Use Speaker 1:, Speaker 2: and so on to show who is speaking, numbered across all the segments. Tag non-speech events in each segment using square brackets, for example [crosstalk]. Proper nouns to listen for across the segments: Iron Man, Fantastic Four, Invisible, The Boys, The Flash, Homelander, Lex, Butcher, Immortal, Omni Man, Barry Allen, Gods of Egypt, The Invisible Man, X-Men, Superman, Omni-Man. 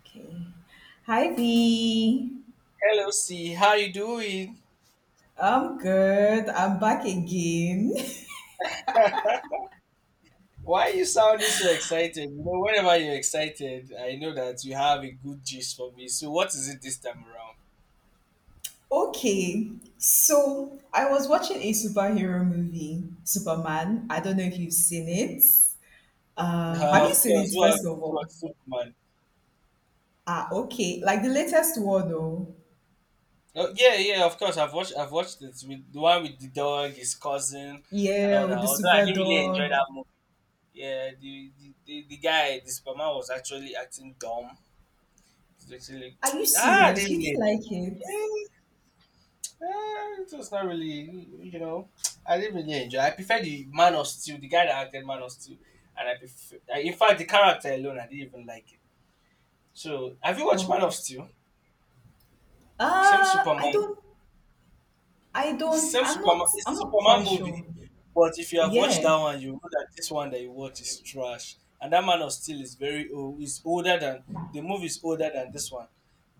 Speaker 1: Okay. Hi V.
Speaker 2: Hello, C. How you doing?
Speaker 1: I'm good. I'm back again. [laughs]
Speaker 2: [laughs] Why are you sounding so excited? You know, whenever you're excited, I know that you have a good gist for me. So, what is it this time around?
Speaker 1: Okay. So I was watching a superhero movie, Superman. I don't know if you've seen it. Have you
Speaker 2: Of
Speaker 1: seen
Speaker 2: course,
Speaker 1: it
Speaker 2: well, I've
Speaker 1: first of all?
Speaker 2: watched Superman.
Speaker 1: Ah, okay. Like the latest one though.
Speaker 2: Oh, yeah, yeah, of course. I've watched it with the one with the dog, his cousin, and
Speaker 1: Yeah,
Speaker 2: all that.
Speaker 1: with the
Speaker 2: Although I
Speaker 1: super
Speaker 2: didn't really enjoy
Speaker 1: dog.
Speaker 2: that movie. Yeah, the guy, the Superman, was actually acting dumb. It's Actually,
Speaker 1: Are you
Speaker 2: [tsk] I
Speaker 1: serious?
Speaker 2: didn't
Speaker 1: You
Speaker 2: really
Speaker 1: didn't
Speaker 2: enjoy
Speaker 1: like it?
Speaker 2: it. Yeah. It was not really, you know, I didn't really enjoy. I prefer the Man of Steel, the guy that acted Man of Steel, and I prefer. In fact, the character alone, I didn't even like it. So, have you watched Man of
Speaker 1: Okay.
Speaker 2: Steel? Same
Speaker 1: Uh I
Speaker 2: Superman.
Speaker 1: don't I don't
Speaker 2: Same Superman, it's
Speaker 1: I'm not quite
Speaker 2: Superman movie,
Speaker 1: sure.
Speaker 2: but if you have watched
Speaker 1: Yeah.
Speaker 2: that one, you know that this one that you watch is trash. And that Man of Steel is very old. Is older than the movie is older than this one,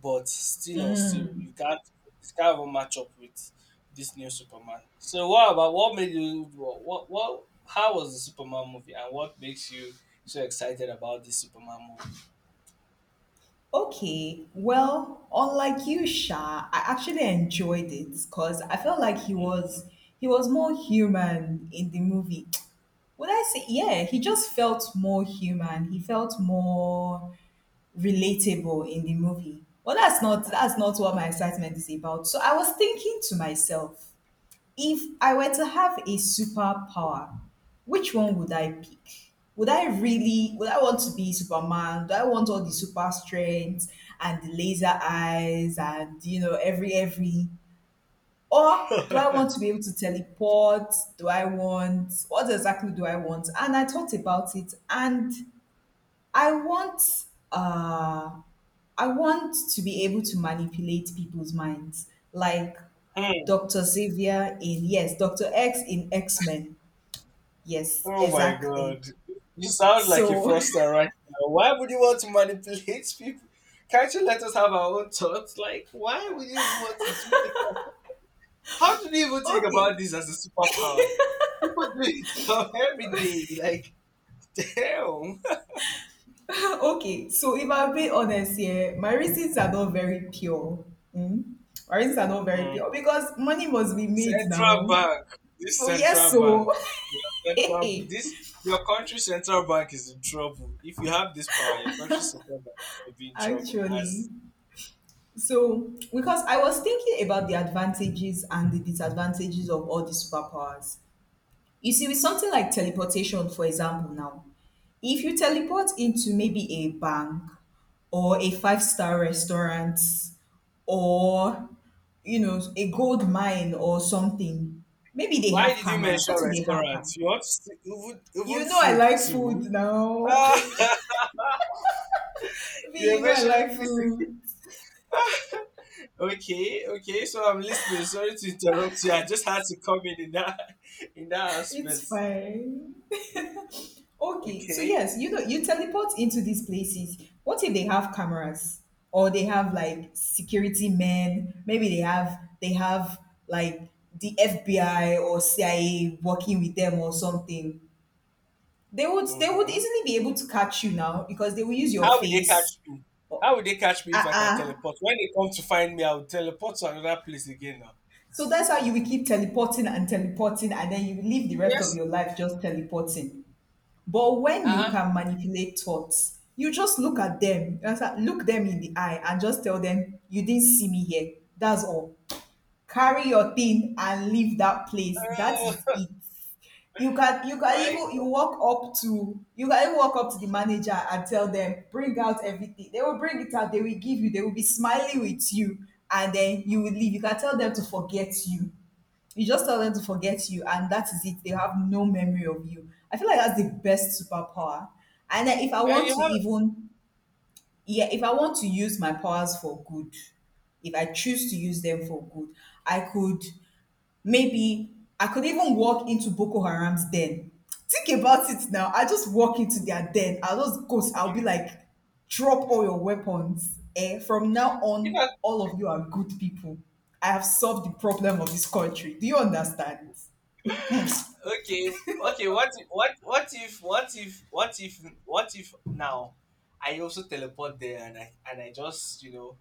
Speaker 2: but still on still you can't it can't even match up with this new Superman. So, what made you what how was the Superman movie, and what makes you so excited about this Superman movie?
Speaker 1: Okay, well, unlike you, Sha, I actually enjoyed it because I felt like he was more human in the movie. [tsk] Would I say yeah, he just felt more human. He felt more relatable in the movie. Well that's not what my excitement is about. So I was thinking to myself, if I were to have a superpower, which one would I pick? Would I really, would I want to be Superman? Do I want all the super strength and the laser eyes and, you know, every? Or do I want to be able to teleport? Do I want, what exactly do I want? And I thought about it and I want, uh, I want to be able to manipulate people's minds. Like
Speaker 2: Hmm.
Speaker 1: Dr. Xavier in, yes, Dr. X in X-Men. Yes,
Speaker 2: Oh my
Speaker 1: exactly.
Speaker 2: god. You sound like a
Speaker 1: So,
Speaker 2: froster right now. Why would you want to manipulate people? Can't you let us have our own thoughts? Like, why would you even want to do that? How do you even
Speaker 1: [laughs]
Speaker 2: think about
Speaker 1: okay,
Speaker 2: this as a superpower? People do it [laughs] you every day. Like, damn.
Speaker 1: [laughs] okay. So, if I'm being honest here, my reasons are not very pure. Mm? My reasons are not very
Speaker 2: Mm.
Speaker 1: pure because money must be made
Speaker 2: Central
Speaker 1: now.
Speaker 2: bank. This
Speaker 1: So, yes,
Speaker 2: central bank.
Speaker 1: so,
Speaker 2: Your
Speaker 1: [laughs]
Speaker 2: central
Speaker 1: hey,
Speaker 2: this your country's central bank is in trouble. If you have this power, your country's central bank is gonna be in trouble
Speaker 1: actually.
Speaker 2: as
Speaker 1: So, because I was thinking about the advantages and the disadvantages of all these superpowers. You see, with something like teleportation, for example, now, if you teleport into maybe a bank or a five-star restaurant or, you know, a gold mine or something, maybe they
Speaker 2: Why
Speaker 1: have
Speaker 2: did you
Speaker 1: cameras.
Speaker 2: mention
Speaker 1: What if they have cameras?
Speaker 2: restaurants? You want to see even
Speaker 1: You
Speaker 2: even
Speaker 1: know, I
Speaker 2: food
Speaker 1: like food
Speaker 2: too?
Speaker 1: now.
Speaker 2: Ah,
Speaker 1: [laughs]
Speaker 2: [laughs] you
Speaker 1: Me,
Speaker 2: were
Speaker 1: you know, I
Speaker 2: mentioning
Speaker 1: like
Speaker 2: places.
Speaker 1: food.
Speaker 2: [laughs] Okay, okay. So I'm listening. Sorry to interrupt you. I just had to come in that [laughs] in that
Speaker 1: It's
Speaker 2: aspect.
Speaker 1: fine. Okay, so yes,
Speaker 2: Okay.
Speaker 1: you know, you teleport into these places. What if they have cameras or they have like security men? Maybe they have like the FBI or CIA working with them or something. They would
Speaker 2: Mm-hmm.
Speaker 1: easily be able to catch you now because they will use your
Speaker 2: How will they
Speaker 1: face.
Speaker 2: catch me? How will they catch me if
Speaker 1: Ah
Speaker 2: I can
Speaker 1: ah.
Speaker 2: teleport? When they come to find me, I will teleport to another place again now.
Speaker 1: So that's how you will keep teleporting and teleporting, and then you will live the rest of
Speaker 2: Yes.
Speaker 1: your life just teleporting. But when you
Speaker 2: Huh?
Speaker 1: can manipulate thoughts, you just look at them, you understand? Look them in the eye and just tell them, you didn't see me here. That's all. Carry your thing and leave that place. That is
Speaker 2: Oh,
Speaker 1: it. You
Speaker 2: [laughs]
Speaker 1: can
Speaker 2: my.
Speaker 1: even you walk up to you can even walk up to the manager and tell them, bring out everything. They will bring it out, they will give you, they will be smiling with you, and then you will leave. You can tell them to forget you. You just tell them to forget you, and that is it. They have no memory of you. I feel like that's the best superpower. And then if I
Speaker 2: And
Speaker 1: want
Speaker 2: you
Speaker 1: to
Speaker 2: have.
Speaker 1: even, yeah, if I want to use my powers for good, if I choose to use them for good, I could maybe, I could even walk into Boko Haram's den. Think about it now. I just walk into their den. I'll just go, I'll be like, drop all your weapons. Eh? From now
Speaker 2: If
Speaker 1: on,
Speaker 2: I
Speaker 1: all of you are good people. I have solved the problem of this country. Do you understand?
Speaker 2: Okay, okay, what if, now I also teleport there, and I just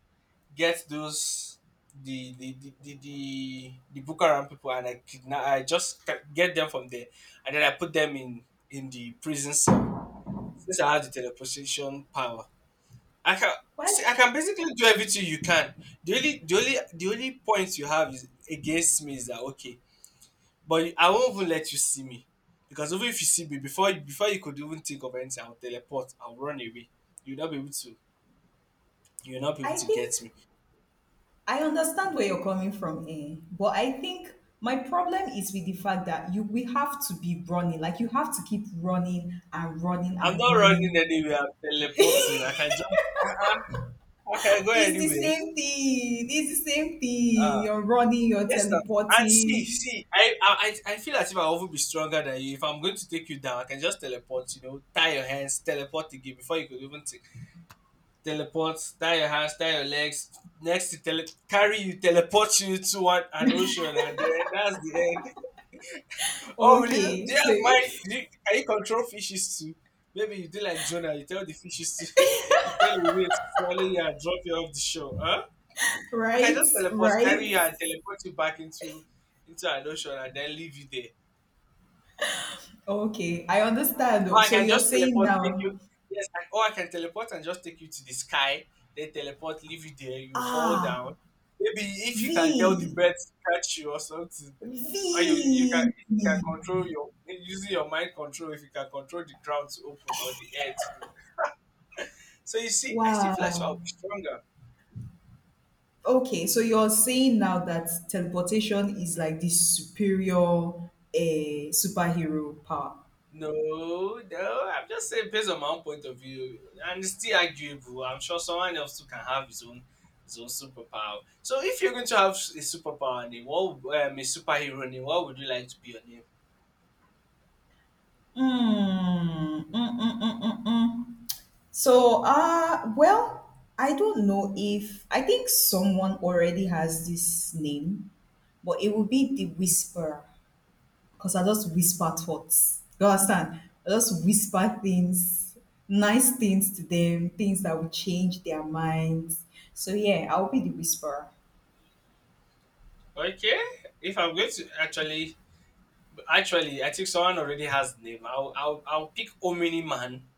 Speaker 2: get those the Bukaram people, and I get them from there, and then I put them in the prison cell. Since I have the teleportation power, I can see,
Speaker 1: Well,
Speaker 2: I can basically do everything you can. The only point you have is against me, is that, okay, but I won't even let you see me, because even if you see me, before you could even think of anything, I'll teleport. I'll run away. You'll not be able to. You'll not be able
Speaker 1: I
Speaker 2: to
Speaker 1: think
Speaker 2: get me.
Speaker 1: I understand where you're coming from, eh? But I think my problem is with the fact that you we have to be running, like you have to keep running and running
Speaker 2: I'm
Speaker 1: and
Speaker 2: not running
Speaker 1: running.
Speaker 2: anywhere. I'm
Speaker 1: [laughs]
Speaker 2: teleporting. I
Speaker 1: It's
Speaker 2: can just. Uh-uh, I can go
Speaker 1: the
Speaker 2: anywhere.
Speaker 1: same thing. It's the same thing.
Speaker 2: Ah,
Speaker 1: You're running, you're
Speaker 2: yes, sir. And see,
Speaker 1: teleporting.
Speaker 2: see, I feel as if I'll even be stronger than you. If I'm going to take you down, I can just teleport. You know, tie your hands, teleport again before you could even think. Teleports, tie your hands, tie your legs, next to tele- carry you, teleport you to an ocean, and then that's the end. [laughs] Oh, really? Do
Speaker 1: Okay,
Speaker 2: you
Speaker 1: so
Speaker 2: have mind?
Speaker 1: [laughs]
Speaker 2: Can you control fishes too? Maybe you do like Jonah, you tell the fishes to, [laughs] you tell your whale to swallow you and drop you off the shore. Huh? I can
Speaker 1: right,
Speaker 2: just teleport, carry
Speaker 1: right.
Speaker 2: you, and teleport you back into an ocean, and then leave you there.
Speaker 1: Okay, I
Speaker 2: Or
Speaker 1: understand.
Speaker 2: I
Speaker 1: So
Speaker 2: can
Speaker 1: you're
Speaker 2: just
Speaker 1: saying
Speaker 2: teleport, take you.
Speaker 1: now,
Speaker 2: Yes, or I can teleport and just take you to the sky. Then teleport, leave you there. You fall down.
Speaker 1: ah,
Speaker 2: Maybe if
Speaker 1: V,
Speaker 2: you can tell the birds to catch you or something, or you can
Speaker 1: V.
Speaker 2: if you can control your using your mind control. If you can control the ground to open or the air to, so you see, I still feel like I will
Speaker 1: Wow.
Speaker 2: be stronger.
Speaker 1: Okay, so you're saying now that teleportation is like the superior superhero power.
Speaker 2: No, no, I'm just saying based on my own point of view, and it's still arguable. I'm sure someone else too can have his own superpower. So if you're going to have a superpower name, a superhero name, what would you like to be your name?
Speaker 1: Mm. So, well, I don't know if I think someone already has this name, but it will be the whisperer because I just whisper thoughts. You understand? I just whisper things, nice things to them, things that will change their minds. So, yeah, I'll be the whisperer.
Speaker 2: Okay, if I'm going to actually, I think someone already has the name. I'll pick Omni Man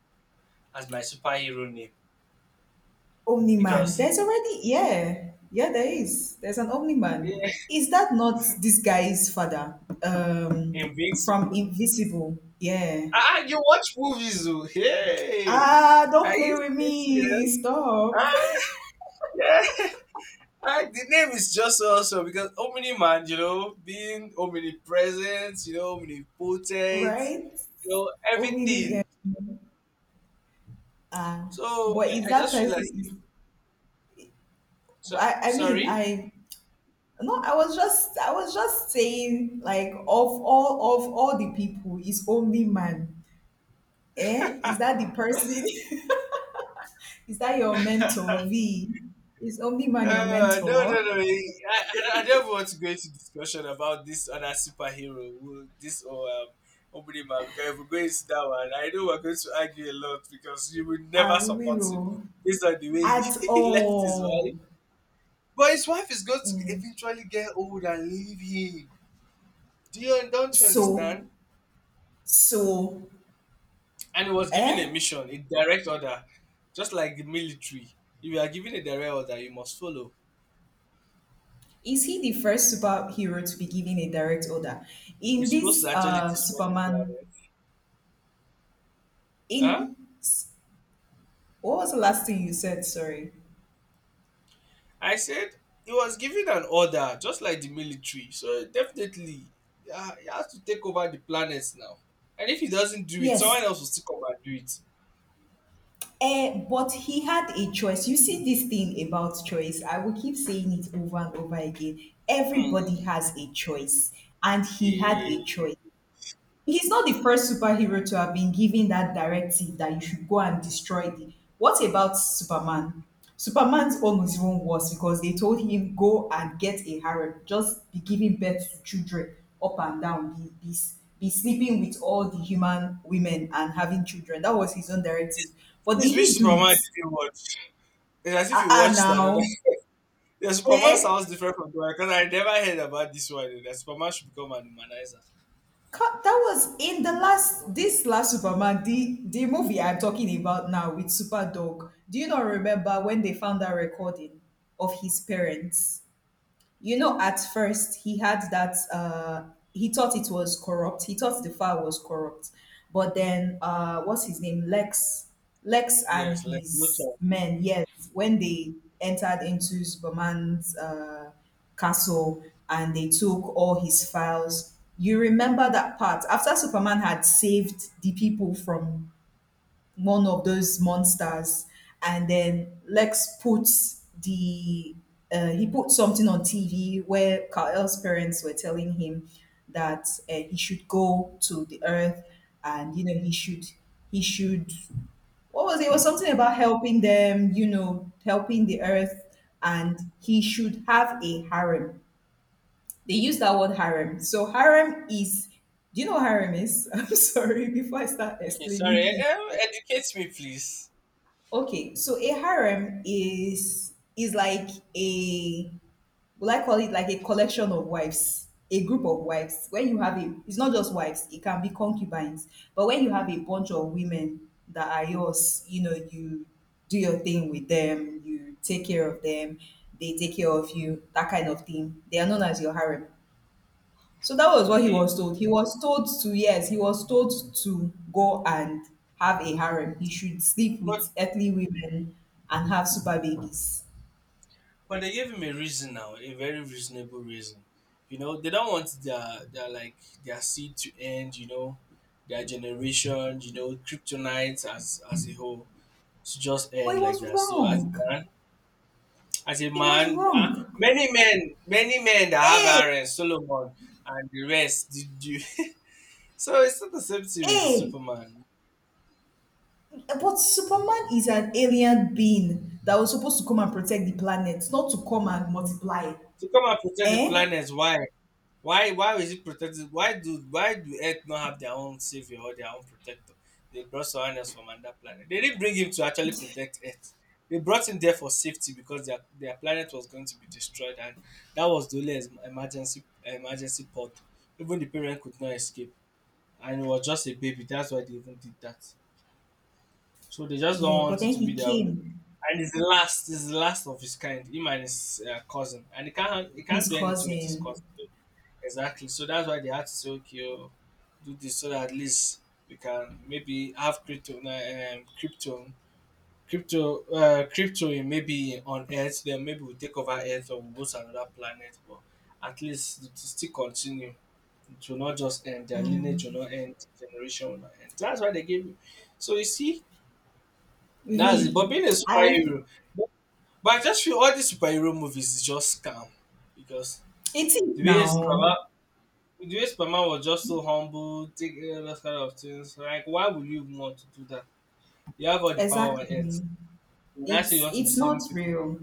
Speaker 2: as my superhero name,
Speaker 1: Omni man.
Speaker 2: because
Speaker 1: There's already yeah. Yeah, there is. There's an Omni man.
Speaker 2: yeah,
Speaker 1: Is that not this guy's father?
Speaker 2: [laughs]
Speaker 1: From
Speaker 2: invincible.
Speaker 1: Invisible. Yeah.
Speaker 2: You watch movies, oh. Hey?
Speaker 1: Ah, don't
Speaker 2: Are
Speaker 1: play
Speaker 2: you
Speaker 1: with me.
Speaker 2: serious? Ah,
Speaker 1: Stop. [laughs]
Speaker 2: yeah. Like, the name is just so awesome because Omni Man, being omnipresent, omnipotent,
Speaker 1: Right? Omni
Speaker 2: everything.
Speaker 1: yeah. Ah.
Speaker 2: So
Speaker 1: But is
Speaker 2: I
Speaker 1: that
Speaker 2: just feel like,
Speaker 1: person
Speaker 2: so,
Speaker 1: I mean
Speaker 2: sorry?
Speaker 1: I no, I was just saying like of all the people is Omni man. Eh? Is that the person? [laughs] Is that your mentor, V? Is Omni-Man your
Speaker 2: No, no,
Speaker 1: mentor?
Speaker 2: no. I don't want to go into discussion about this other superhero, who, this or Omni Man, because if we go into that one, I know we're going to argue a lot because you will
Speaker 1: I
Speaker 2: never support
Speaker 1: will
Speaker 2: him
Speaker 1: oh,
Speaker 2: based on the way
Speaker 1: at
Speaker 2: he [laughs] left his wife.
Speaker 1: all.
Speaker 2: But his wife is going to
Speaker 1: Mm.
Speaker 2: eventually get old and leave him. Do you don't you
Speaker 1: So,
Speaker 2: understand?
Speaker 1: so,
Speaker 2: And he was given a
Speaker 1: eh?
Speaker 2: mission, a direct order, just like the military. If you are given a direct order, you must follow.
Speaker 1: Is he the first superhero to be given a direct order?
Speaker 2: You're
Speaker 1: In
Speaker 2: supposed
Speaker 1: this
Speaker 2: to actually destroy the
Speaker 1: Superman,
Speaker 2: planet. Huh?
Speaker 1: in what was the last thing you said? Sorry.
Speaker 2: I said he was given an order, just like the military. So definitely, yeah, he has to take over the planet now. And if he doesn't do it, someone
Speaker 1: Yes.
Speaker 2: else will still come and do it.
Speaker 1: Eh, but he had a choice. You see this thing about choice. I will keep saying it over and over again. Everybody
Speaker 2: Hmm.
Speaker 1: has a choice, and he had
Speaker 2: Eh.
Speaker 1: a choice. He's not the first superhero to have been given that directive that you should go and destroy the. What about Superman? Superman's own was even worse because they told him go and get a harem, just be giving birth to children up and down, be sleeping with all the human women and having children. That was his own directive. But did
Speaker 2: Please,
Speaker 1: he
Speaker 2: which
Speaker 1: do it?
Speaker 2: Superman did you watch? It's as if
Speaker 1: Ah,
Speaker 2: you watched another.
Speaker 1: now,
Speaker 2: The Superman
Speaker 1: eh?
Speaker 2: sounds different from Superman because I never heard about this one. That Superman should become an humanizer.
Speaker 1: That was in the last, this last Superman, the movie I'm talking about now with Superdog. Do you not remember when they found that recording of his parents? You know, at first he had that he thought it was corrupt. He thought the file was corrupt. But then what's his name? Lex and
Speaker 2: Yes, like
Speaker 1: his
Speaker 2: Luthor.
Speaker 1: men, yes, when they entered into Superman's castle and they took all his files. You remember that part after Superman had saved the people from one of those monsters, and then Lex puts the he put something on TV where Kal-El's parents were telling him that he should go to the Earth, and you know he should what was it? It was something about helping them, you know, helping the Earth, and he should have a harem. They use that word harem. So harem is. Do you know what harem is? [laughs] I'm sorry before I start
Speaker 2: Okay, sorry.
Speaker 1: explaining things.
Speaker 2: Educate me, please.
Speaker 1: Okay, so a harem is like a will I call it like a collection of wives, a group of wives. When you have a, it's not just wives; it can be concubines. But when you have a bunch of women that are yours, you know, you do your thing with them, you take care of them, they take care of you, that kind of thing. They are known as your harem. So that was what he
Speaker 2: Okay,
Speaker 1: was told. He was told to, yes, he was told to go and have a harem. He should sleep
Speaker 2: but
Speaker 1: with earthly women and have super babies.
Speaker 2: but they gave him a reason now, a very reasonable reason. You know, they don't want their seed to end. You know, their generation. You know, kryptonite as a whole to just
Speaker 1: But he
Speaker 2: end like
Speaker 1: was
Speaker 2: that. So as a
Speaker 1: wrong.
Speaker 2: man, as a
Speaker 1: He was
Speaker 2: man, uh,
Speaker 1: wrong.
Speaker 2: many men, that have
Speaker 1: Hey,
Speaker 2: Aaron, Solomon, and the rest did you. [laughs] So it's not the same thing with
Speaker 1: hey,
Speaker 2: Superman.
Speaker 1: but Superman is an alien being that was supposed to come and protect the planet, not to come and multiply.
Speaker 2: To come and protect the
Speaker 1: Eh?
Speaker 2: planet, why? Why? Why is it protected? Why do Earth not have their own savior or their own protector? They brought someone else from another planet. They didn't bring him to actually protect Earth. They brought him there for safety because their planet was going to be destroyed, and that was the only emergency pod. Even the parent could not escape. And it was just a baby. That's why they even did that. So they just don't
Speaker 1: Yeah, but
Speaker 2: want it
Speaker 1: then
Speaker 2: to be
Speaker 1: he
Speaker 2: their own.
Speaker 1: came,
Speaker 2: And it's the last of his kind. Him and his cousin, and he can't
Speaker 1: his
Speaker 2: do anything with his
Speaker 1: cousin,
Speaker 2: cousin. Exactly. So that's why they had to say, okay, do this so that at least we can maybe have crypto in maybe on Earth. Then maybe we'll take over Earth or we'll go to another planet. But at least it will still continue to not just end. Their lineage
Speaker 1: mm,
Speaker 2: will not end. Generation will not end. That's why they gave you. So you see, that's it.
Speaker 1: V.
Speaker 2: But being a
Speaker 1: I,
Speaker 2: superhero, but, but I just feel all these superhero movies is just scam, because
Speaker 1: It's it
Speaker 2: the
Speaker 1: is
Speaker 2: way superman
Speaker 1: now.
Speaker 2: the way Superman was just so humble. Take those kind of things. Like, why would you even want to do that? You have all the power on Earth,
Speaker 1: Exactly.
Speaker 2: and I say, you want to be
Speaker 1: It's
Speaker 2: saving
Speaker 1: not
Speaker 2: people.
Speaker 1: real.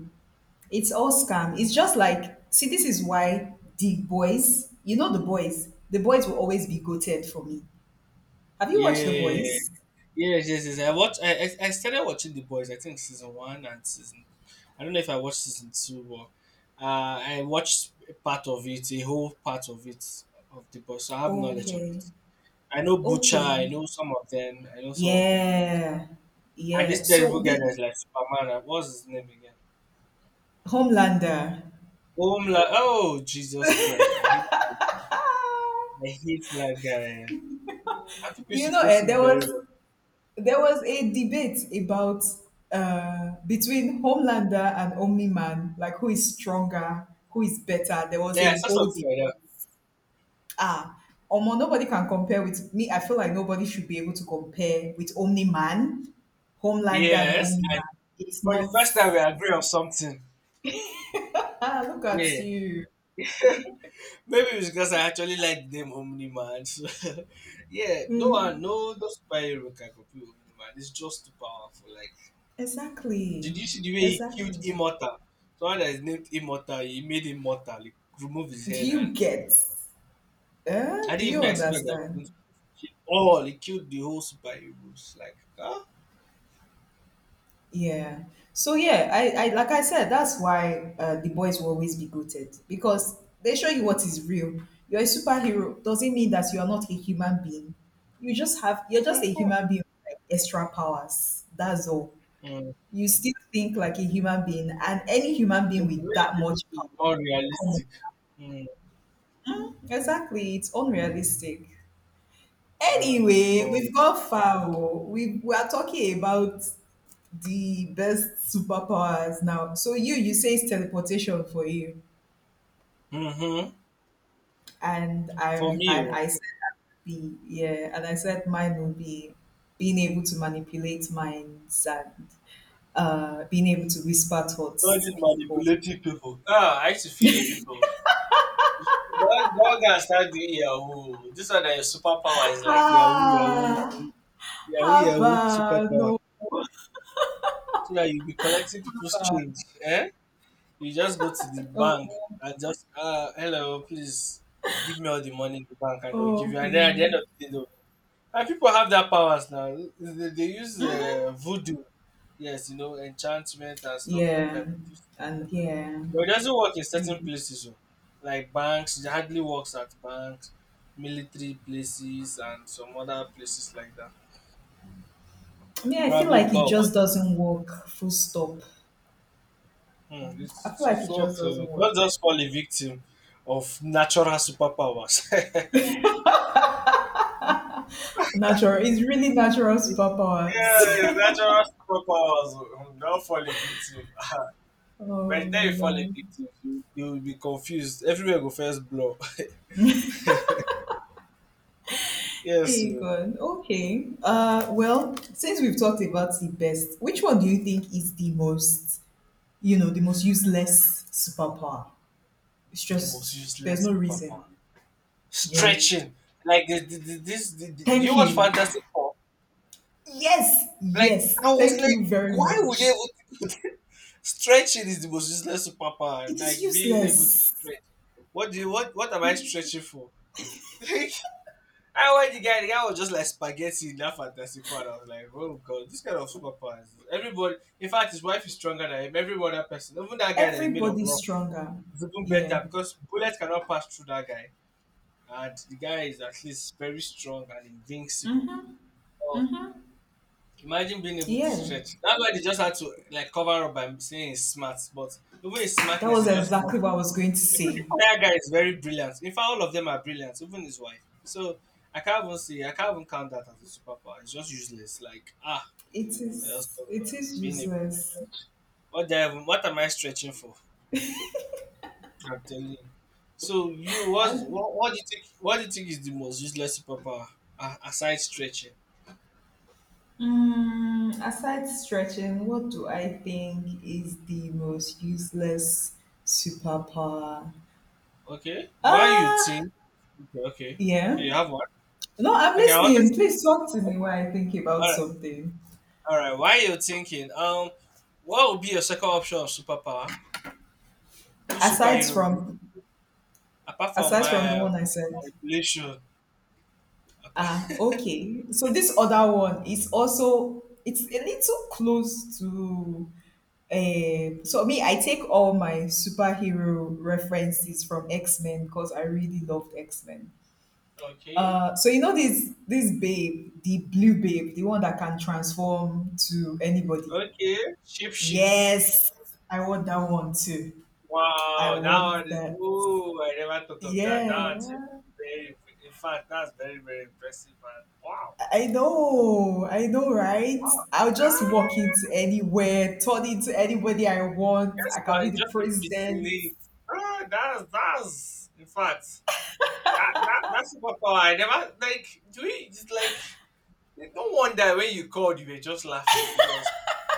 Speaker 1: It's all scam. It's just like see, this is why the boys, you know the boys will always be goated for me. Have you watched the
Speaker 2: Yeah.
Speaker 1: boys?
Speaker 2: Yes, yes, yes. I watched. I started watching The Boys. I think season one and season. I don't know if I watched season two, but I watched a part of it, a whole part of it of The Boys. So I have knowledge of
Speaker 1: Okay.
Speaker 2: it. I know Butcher. I
Speaker 1: Okay.
Speaker 2: know some of them. I know some of their names.
Speaker 1: Yeah.
Speaker 2: And
Speaker 1: Yeah.
Speaker 2: this
Speaker 1: So
Speaker 2: terrible guy
Speaker 1: the
Speaker 2: that's like Superman. What's his name again?
Speaker 1: Homelander.
Speaker 2: Omla. Oh Jesus Christ! I hate that.
Speaker 1: Ah!
Speaker 2: I hate that guy. Eh. I think we
Speaker 1: You know,
Speaker 2: supposed
Speaker 1: eh,
Speaker 2: him
Speaker 1: there
Speaker 2: very
Speaker 1: was
Speaker 2: well.
Speaker 1: there was a debate about between Homelander and Omni Man, like who is stronger, who is better. There was
Speaker 2: Yeah, I
Speaker 1: a
Speaker 2: saw
Speaker 1: whole
Speaker 2: something
Speaker 1: debate.
Speaker 2: like that.
Speaker 1: Ah, omo, nobody can compare with me. I feel like nobody should be able to compare with Omni Man. Homelander and
Speaker 2: Yes,
Speaker 1: Omni Man, it's
Speaker 2: for the
Speaker 1: not
Speaker 2: first time we agree on something.
Speaker 1: ah, look at
Speaker 2: Yeah.
Speaker 1: you.
Speaker 2: Maybe it's because I actually like the name Omni Man. [laughs] So, yeah, no one,
Speaker 1: Mm,
Speaker 2: no, no superhero can copy Omni Man. It's just too powerful. Like,
Speaker 1: exactly,
Speaker 2: did you see the way he killed
Speaker 1: exactly.
Speaker 2: Immortal? Someone that is named Immortal, he made him mortal. He removed his
Speaker 1: Do
Speaker 2: head,
Speaker 1: you
Speaker 2: and
Speaker 1: get eh?
Speaker 2: I
Speaker 1: Do
Speaker 2: didn't
Speaker 1: you
Speaker 2: even expect that. It
Speaker 1: understand?
Speaker 2: was going to— all he killed the whole superheroes. Like, huh?
Speaker 1: Yeah. So yeah, I like I said, that's why the boys will always be goated because they show you what is real. You're a superhero. Doesn't mean that you are not a human being. You're just a
Speaker 2: Mhm.
Speaker 1: human being with like extra powers. That's all.
Speaker 2: Mm.
Speaker 1: You still think like a human being, and any human
Speaker 2: Yeah,
Speaker 1: being
Speaker 2: the
Speaker 1: with
Speaker 2: way
Speaker 1: that
Speaker 2: they
Speaker 1: much
Speaker 2: depict it is
Speaker 1: power.
Speaker 2: not
Speaker 1: Come on.
Speaker 2: realistic. Mm.
Speaker 1: Mm, exactly. It's unrealistic.
Speaker 2: At
Speaker 1: Anyway,
Speaker 2: all.
Speaker 1: we've gone far. Oh. We are talking about the best superpowers now. So you say it's teleportation for you,
Speaker 2: Mhm.
Speaker 1: and I'm
Speaker 2: For me,
Speaker 1: and
Speaker 2: oh.
Speaker 1: I said be yeah, and I said mine will be being able to manipulate minds and being able to whisper
Speaker 2: All
Speaker 1: thoughts to
Speaker 2: these
Speaker 1: people.
Speaker 2: manipulative people. Ah, I used to fear people. Do one, don't go start doing Yahoo. This one that your superpower is like Yahoo, Yahoo,
Speaker 1: Ah,
Speaker 2: Yahoo,
Speaker 1: haba,
Speaker 2: Yahoo, superpower.
Speaker 1: no,
Speaker 2: So that you be collecting people's change. Eh? You just go to the
Speaker 1: oh,
Speaker 2: bank and just, hello, please give me all the money in the bank and they'll give
Speaker 1: oh,
Speaker 2: you. And then at the
Speaker 1: please,
Speaker 2: end of the day, they'll- and people have that powers now. They use voodoo. Yes, you know, enchantment and stuff like
Speaker 1: yeah,
Speaker 2: that. They do—
Speaker 1: and yeah,
Speaker 2: but it doesn't work in
Speaker 1: the.
Speaker 2: certain places, though. Like banks. It hardly works at banks, military places, and some other places like that.
Speaker 1: I mean, I feel
Speaker 2: Probably
Speaker 1: like
Speaker 2: because
Speaker 1: it
Speaker 2: of
Speaker 1: just
Speaker 2: what—
Speaker 1: doesn't work. Full stop.
Speaker 2: it,
Speaker 1: I feel
Speaker 2: it,
Speaker 1: like
Speaker 2: it
Speaker 1: it just
Speaker 2: works.
Speaker 1: doesn't
Speaker 2: So
Speaker 1: work.
Speaker 2: don't just fall a victim of natural superpowers. [laughs] Yeah,
Speaker 1: Natural. It's really natural superpowers.
Speaker 2: it's natural superpowers. Oh. Don't fall a victim.
Speaker 1: [laughs]
Speaker 2: [laughs] By
Speaker 1: Oh
Speaker 2: the time
Speaker 1: my
Speaker 2: you fall a
Speaker 1: god.
Speaker 2: victim, you will be confused. Everywhere go first blow. [laughs] Yes,
Speaker 1: Hey
Speaker 2: so
Speaker 1: God. Okay. Since we've talked about the best, which one do you think is the most, the most useless superpower? It's
Speaker 2: the most
Speaker 1: just there's
Speaker 2: useless
Speaker 1: no reason.
Speaker 2: superpower.
Speaker 1: Yeah.
Speaker 2: Stretching. Like
Speaker 1: Thank
Speaker 2: you watch
Speaker 1: you.
Speaker 2: Fantastic Four.
Speaker 1: Yes,
Speaker 2: Like
Speaker 1: yes.
Speaker 2: I was
Speaker 1: Thank
Speaker 2: like,
Speaker 1: you very
Speaker 2: why would they
Speaker 1: much.
Speaker 2: would [laughs] stretching is the most useless superpower.
Speaker 1: It is
Speaker 2: Like being able to
Speaker 1: useless.
Speaker 2: stretch. What do you what am I stretching for? [laughs] Like I watched the guy. The guy was just like spaghetti in that Fantastic Four. And I was like, oh god, this kind of superpowers. Everybody, in fact, his wife is stronger than him. Every other person, even that guy that is made of
Speaker 1: Everybody's
Speaker 2: rock,
Speaker 1: stronger.
Speaker 2: is even
Speaker 1: Yeah.
Speaker 2: better because bullets cannot pass through that guy and the guy is at least very strong and invincible. Oh, imagine being able to
Speaker 1: Yeah.
Speaker 2: stretch. That's why they just had to like cover up by saying it's smart. But even his
Speaker 1: That
Speaker 2: smartness
Speaker 1: was
Speaker 2: is just normal.
Speaker 1: exactly what I was going to
Speaker 2: Even the
Speaker 1: say.
Speaker 2: fire guy is very brilliant. In fact, all of them are brilliant. Even his wife. So I can't even see. I can't even count that as a superpower. It's just useless. Like ah,
Speaker 1: It
Speaker 2: I just
Speaker 1: is
Speaker 2: thought of,
Speaker 1: it is
Speaker 2: being able.
Speaker 1: useless.
Speaker 2: What the hell- what am I stretching for? I'm telling you. So you was
Speaker 1: And,
Speaker 2: what? What do you think? What do you think is the most useless superpower aside stretching?
Speaker 1: Aside stretching, what do I think is the most useless superpower?
Speaker 2: Okay. Why you
Speaker 1: Ah,
Speaker 2: think? Okay. Okay. Okay.
Speaker 1: yeah.
Speaker 2: You have one.
Speaker 1: No, I'm
Speaker 2: Okay. I wanted—
Speaker 1: listening. Please talk to me while I think about
Speaker 2: all right,
Speaker 1: something.
Speaker 2: all right. While you're thinking, what would be your second option of superpower? Which
Speaker 1: Aside
Speaker 2: superhero, would you-
Speaker 1: from
Speaker 2: apart from
Speaker 1: Aside from the
Speaker 2: my
Speaker 1: one I said.
Speaker 2: manipulation? Apart-
Speaker 1: Okay. So this other one is also it's a little close to so me I take all my superhero references from X-Men because I really loved X-Men.
Speaker 2: [laughs] Okay,
Speaker 1: So you know this babe, the blue babe, the one that can transform to anybody.
Speaker 2: okay. Shape shift.
Speaker 1: Yes, I want that one too. I
Speaker 2: Wow, that
Speaker 1: want
Speaker 2: one is—
Speaker 1: that.
Speaker 2: oh, I never thought of that. That one's
Speaker 1: Yeah.
Speaker 2: very— in fact, that's very very impressive. And wow,
Speaker 1: I know, right?
Speaker 2: wow.
Speaker 1: I'll just walk
Speaker 2: Ah,
Speaker 1: into anywhere, turn into anybody I want.
Speaker 2: yes,
Speaker 1: I can be
Speaker 2: I
Speaker 1: the
Speaker 2: just
Speaker 1: president.
Speaker 2: impersonate. Ah, that's— in fact, that's superpower. I never like. Do we just like? No wonder when you called, you were just laughing because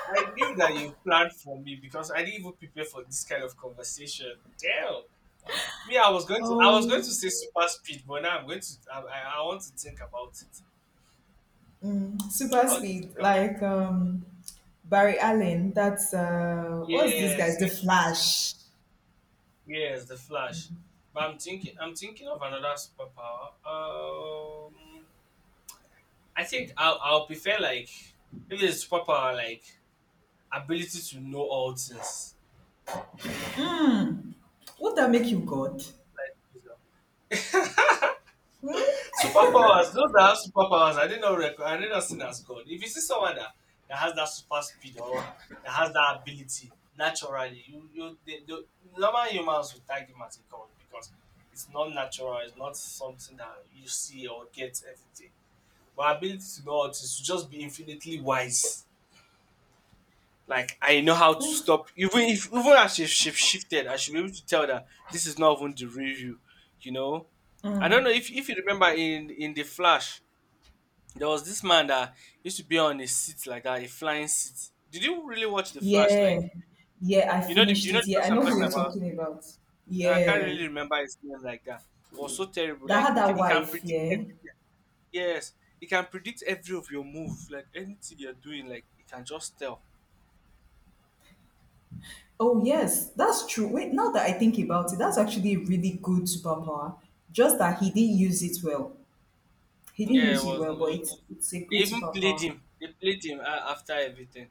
Speaker 2: I knew that you planned for me because I didn't even prepare for this kind of conversation. Damn. Me, I was going to
Speaker 1: Oh,
Speaker 2: say super speed, but now I'm going to, I want to think about it. I
Speaker 1: super
Speaker 2: want to
Speaker 1: speed.
Speaker 2: think about.
Speaker 1: Like Barry Allen. That's What's this guy's?
Speaker 2: Yes,
Speaker 1: The
Speaker 2: yes, yes,
Speaker 1: Flash.
Speaker 2: yes, yes. The Flash. But I'm thinking of another superpower. Um, I think I'll prefer like, if it's superpower, like ability to know all things.
Speaker 1: Would that make you God?
Speaker 2: Like, you know. [laughs]
Speaker 1: Hmm?
Speaker 2: Superpowers, those that have superpowers, I didn't rec- I did not see as God. If you see someone that, that has that super speed or that has that ability naturally, you they, the normal humans would tag him as a god because it's not natural, it's not something that you see or get everything. But ability to know how to is to just be infinitely wise. Like I know how to stop even if even as she shifted, I should be able to tell that this is not even the real you, you know. I don't know if you remember in the Flash there was this man that used to be on a seat like that, a flying seat. Did you really watch The Flash?
Speaker 1: Yeah,
Speaker 2: Like,
Speaker 1: yeah. I
Speaker 2: you know, the, do
Speaker 1: finished
Speaker 2: you know
Speaker 1: it.
Speaker 2: the
Speaker 1: Yeah, I
Speaker 2: person I'm
Speaker 1: know who
Speaker 2: talking
Speaker 1: you're
Speaker 2: about?
Speaker 1: talking about.
Speaker 2: I can't
Speaker 1: Yeah,
Speaker 2: really remember his name like that. It was so terrible.
Speaker 1: that
Speaker 2: Like,
Speaker 1: had
Speaker 2: he, ca-
Speaker 1: that
Speaker 2: he can
Speaker 1: wife.
Speaker 2: predict
Speaker 1: Yeah.
Speaker 2: everything. Yes, he can predict every of your move. Like, anything you're doing, like, he can just tell.
Speaker 1: Oh, yes, that's true. Wait, now that I think about it, that's actually a really good superpower. Just that he didn't use it well. He didn't
Speaker 2: Yeah,
Speaker 1: use
Speaker 2: it
Speaker 1: it
Speaker 2: was.
Speaker 1: well, but
Speaker 2: It
Speaker 1: it's,
Speaker 2: was—
Speaker 1: it's a good
Speaker 2: they even played
Speaker 1: superpower.
Speaker 2: him. They played him a- after everything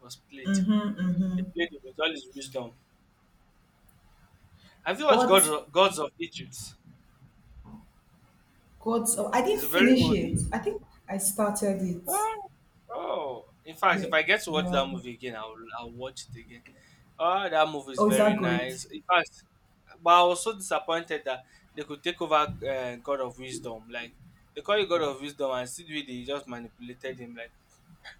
Speaker 2: was played.
Speaker 1: Mm-hmm,
Speaker 2: They
Speaker 1: mm-hmm.
Speaker 2: played him with all his wisdom. Have you watched
Speaker 1: But
Speaker 2: God, Gods of Egypt?
Speaker 1: God, oh, I
Speaker 2: It's
Speaker 1: didn't
Speaker 2: a very
Speaker 1: finish
Speaker 2: old
Speaker 1: it.
Speaker 2: movie.
Speaker 1: I think I started it.
Speaker 2: Oh, oh. In fact,
Speaker 1: Yeah,
Speaker 2: if I get to watch
Speaker 1: yeah.
Speaker 2: that movie again, I'll— I'll watch it again. Oh, that movie is
Speaker 1: Oh, is
Speaker 2: very
Speaker 1: that good?
Speaker 2: nice. In fact, but I was so disappointed that they could take over God of Wisdom. Like they call you God of Wisdom, and still really just manipulated him. Like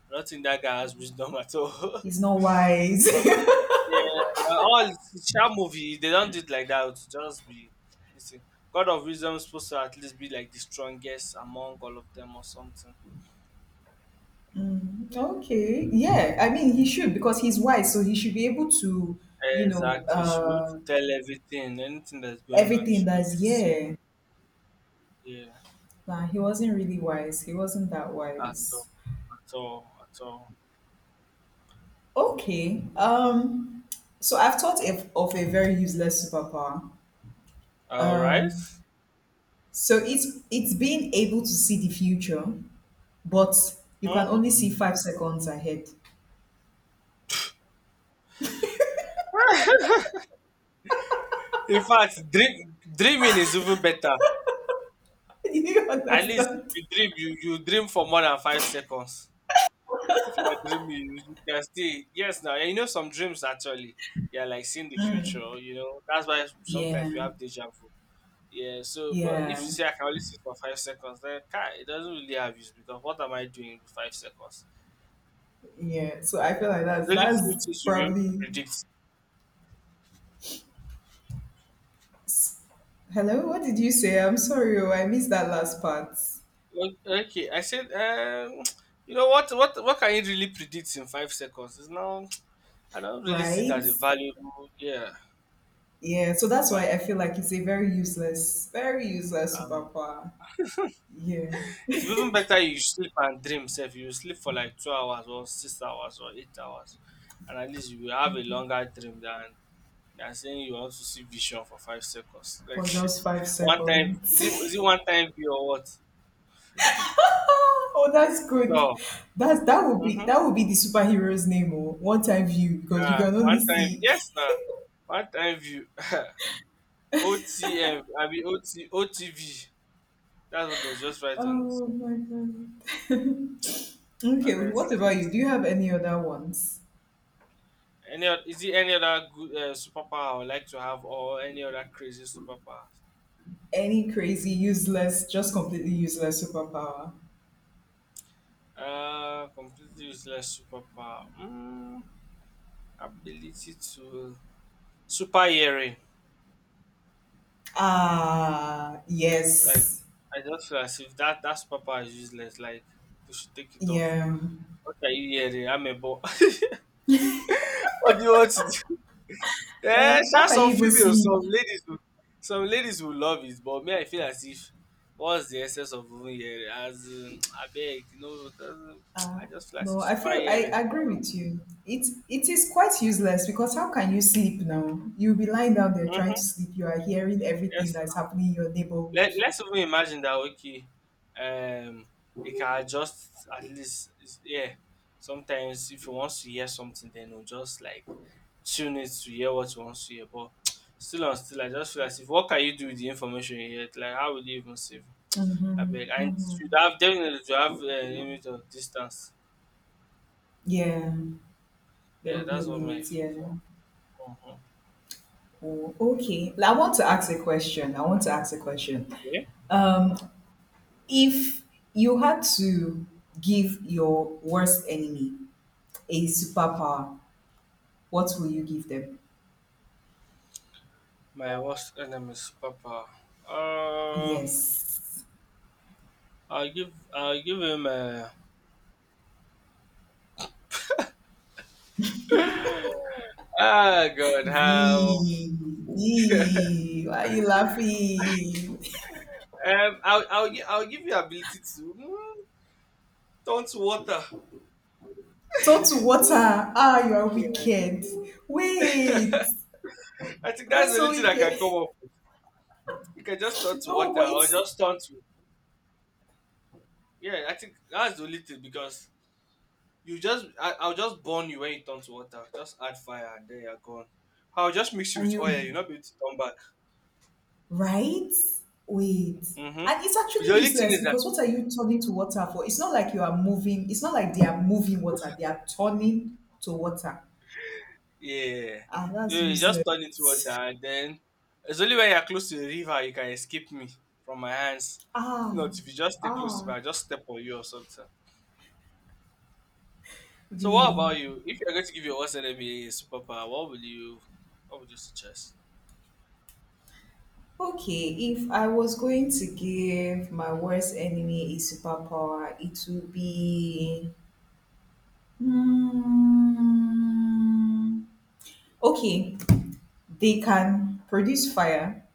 Speaker 2: I don't think that guy has wisdom at all. [laughs]
Speaker 1: He's not wise.
Speaker 2: But
Speaker 1: [laughs]
Speaker 2: yeah, but all Sha movie they don't do it like that. To just be— listen, God of Wisdom is supposed to at least be like the strongest among all of them or something.
Speaker 1: Okay, yeah. I mean, he should because he's wise, so he should be able to, you know,
Speaker 2: Exactly. She should be able to
Speaker 1: uh,
Speaker 2: tell everything, anything that's going on. She
Speaker 1: everything
Speaker 2: should be able
Speaker 1: that's
Speaker 2: to see it.
Speaker 1: yeah.
Speaker 2: Yeah,
Speaker 1: Nah, he wasn't really wise. He wasn't that
Speaker 2: at all,
Speaker 1: wise.
Speaker 2: at all, at all.
Speaker 1: Okay. So I've thought of a very useless superpower.
Speaker 2: All right.
Speaker 1: Um. So it's being able to see the future, but you can
Speaker 2: Hmm.
Speaker 1: only see 5 seconds ahead.
Speaker 2: In fact, dream, dreaming is even better.
Speaker 1: [laughs] Do you
Speaker 2: At least if
Speaker 1: understand?
Speaker 2: you dream, you dream for more than 5 seconds. If you are dreaming, you can still— yes. Now you know some dreams actually. Yeah, like seeing the future. You know that's why sometimes
Speaker 1: Yeah.
Speaker 2: we have deja vu. Yeah, so but if
Speaker 1: Yeah,
Speaker 2: you say I can only sit for 5 seconds, then car, it doesn't really have use because what am I doing with 5 seconds?
Speaker 1: yeah. So I feel like that's
Speaker 2: There's only few
Speaker 1: that's
Speaker 2: things you'll be able to
Speaker 1: probably.
Speaker 2: predict.
Speaker 1: Hello, what did you say? I'm sorry, oh, I missed that last part.
Speaker 2: Well, okay, I said, [tsk] you know what, can you really predict in 5 seconds? It's now [tsk] I don't really see it
Speaker 1: Right?
Speaker 2: as a valuable, yeah,
Speaker 1: Yeah, so
Speaker 2: a
Speaker 1: that's why
Speaker 2: value.
Speaker 1: I feel like it's a very useless
Speaker 2: Um,
Speaker 1: superpower. Yeah,
Speaker 2: it's even better you sleep and dream. If you sleep for like 2 hours or 6 hours or 8 hours, and at least you will have a longer dream than— they are saying you want to see vision for 5 seconds. [laughs] Like
Speaker 1: for just five
Speaker 2: one time, is it
Speaker 1: seconds.
Speaker 2: one time view or what?
Speaker 1: [laughs] Oh, that's good.
Speaker 2: So,
Speaker 1: That's
Speaker 2: mm-hmm.
Speaker 1: that would be the superhero's name, or one time view because you
Speaker 2: Uh,
Speaker 1: can only
Speaker 2: one time,
Speaker 1: see.
Speaker 2: yes, now one time view. [laughs] OTM. I mean O T V. That's what they'll just
Speaker 1: [laughs]
Speaker 2: write on this.
Speaker 1: Oh
Speaker 2: One.
Speaker 1: my god. [laughs] Okay, what
Speaker 2: Honestly,
Speaker 1: about you? Do you have any other ones?
Speaker 2: any oth- is it any other good superpower I would like to have, or any other crazy superpower?
Speaker 1: Any crazy, useless, just completely useless superpower?
Speaker 2: Completely useless superpower. Mm, ability to— super hearing.
Speaker 1: Ah,
Speaker 2: Like
Speaker 1: yes.
Speaker 2: I just feel as if that superpower is useless. Like they should take it off.
Speaker 1: Yeah.
Speaker 2: What are you hearing? I'm a boy. [laughs] What do you want to do? [laughs] Eh,
Speaker 1: Eh, how
Speaker 2: sha,
Speaker 1: can you
Speaker 2: some
Speaker 1: even
Speaker 2: females,
Speaker 1: sleep?
Speaker 2: some ladies will love it. But me, I feel as if what's the essence of even hearing? As in, [tsk] I beg, you know, doesn't- [tsk]
Speaker 1: Uh,
Speaker 2: I just feel as
Speaker 1: no,
Speaker 2: if
Speaker 1: I
Speaker 2: super
Speaker 1: feel I
Speaker 2: hearing.
Speaker 1: agree with you. It is quite useless because how can you sleep now? You'll be lying down there trying to
Speaker 2: Mm-hmm.
Speaker 1: sleep. You are hearing everything
Speaker 2: Yes.
Speaker 1: that's happening in your neighborhood.
Speaker 2: Let, let's even imagine that okay, um, it can adjust at least. It's- yeah, sometimes if you want to hear something, then you'll just like tune it to hear what you want to hear. But [tsk] still on still, I just feel as if what can you do with the information you get? Like, how will you even save? I
Speaker 1: Mm-hmm,
Speaker 2: beg, and it
Speaker 1: hmm.
Speaker 2: should have definitely to have a limit of distance.
Speaker 1: Yeah, there
Speaker 2: Yeah,
Speaker 1: will be a
Speaker 2: that's what my
Speaker 1: limit.
Speaker 2: feel.
Speaker 1: Yeah.
Speaker 2: So, mhm.
Speaker 1: Oh, okay. I want to ask a question. I want to ask a question.
Speaker 2: Okay.
Speaker 1: Um, if you had to give your worst enemy a superpower, what will you give them?
Speaker 2: My worst enemy superpower. Uh,
Speaker 1: Yes.
Speaker 2: I'll give him a. Ah, God, how?
Speaker 1: V, V, why are you laughing?
Speaker 2: I'll give you ability to mm, turn to water.
Speaker 1: Turn to water. Ah, you are
Speaker 2: Yes.
Speaker 1: wicked. Wait,
Speaker 2: [laughs] I think that's
Speaker 1: that's
Speaker 2: the
Speaker 1: so
Speaker 2: only thing I can
Speaker 1: wicked.
Speaker 2: come
Speaker 1: [laughs]
Speaker 2: up with. You can just turn to
Speaker 1: No,
Speaker 2: water
Speaker 1: but
Speaker 2: or
Speaker 1: it's
Speaker 2: just turn to. Yeah, I think that's the only thing because you just, I'll just burn you when you turn to water. Just add fire and then you're gone. I'll just mix you
Speaker 1: and
Speaker 2: with oil. You'll
Speaker 1: you
Speaker 2: not be able to turn back.
Speaker 1: right? Wait.
Speaker 2: Mm-hmm.
Speaker 1: And it's actually
Speaker 2: The only thing
Speaker 1: useless
Speaker 2: is that—
Speaker 1: because what are you turning to water for? It's not like you are moving, it's not like they are moving water, they are turning to water.
Speaker 2: yeah.
Speaker 1: Ah,
Speaker 2: You,
Speaker 1: that's
Speaker 2: you just
Speaker 1: useless.
Speaker 2: turn into water and then it's only when you're close to the river you can escape me from my hands. If
Speaker 1: Ah,
Speaker 2: not, if you just stay close to
Speaker 1: ah,
Speaker 2: me, I'll just step on you or something. So what
Speaker 1: V.
Speaker 2: about you? If you're going to give your worst enemy a superpower, what will you— what would you suggest?
Speaker 1: Okay, if I was going to give my worst enemy a superpower, it would be. Hmm, okay, they can produce fire,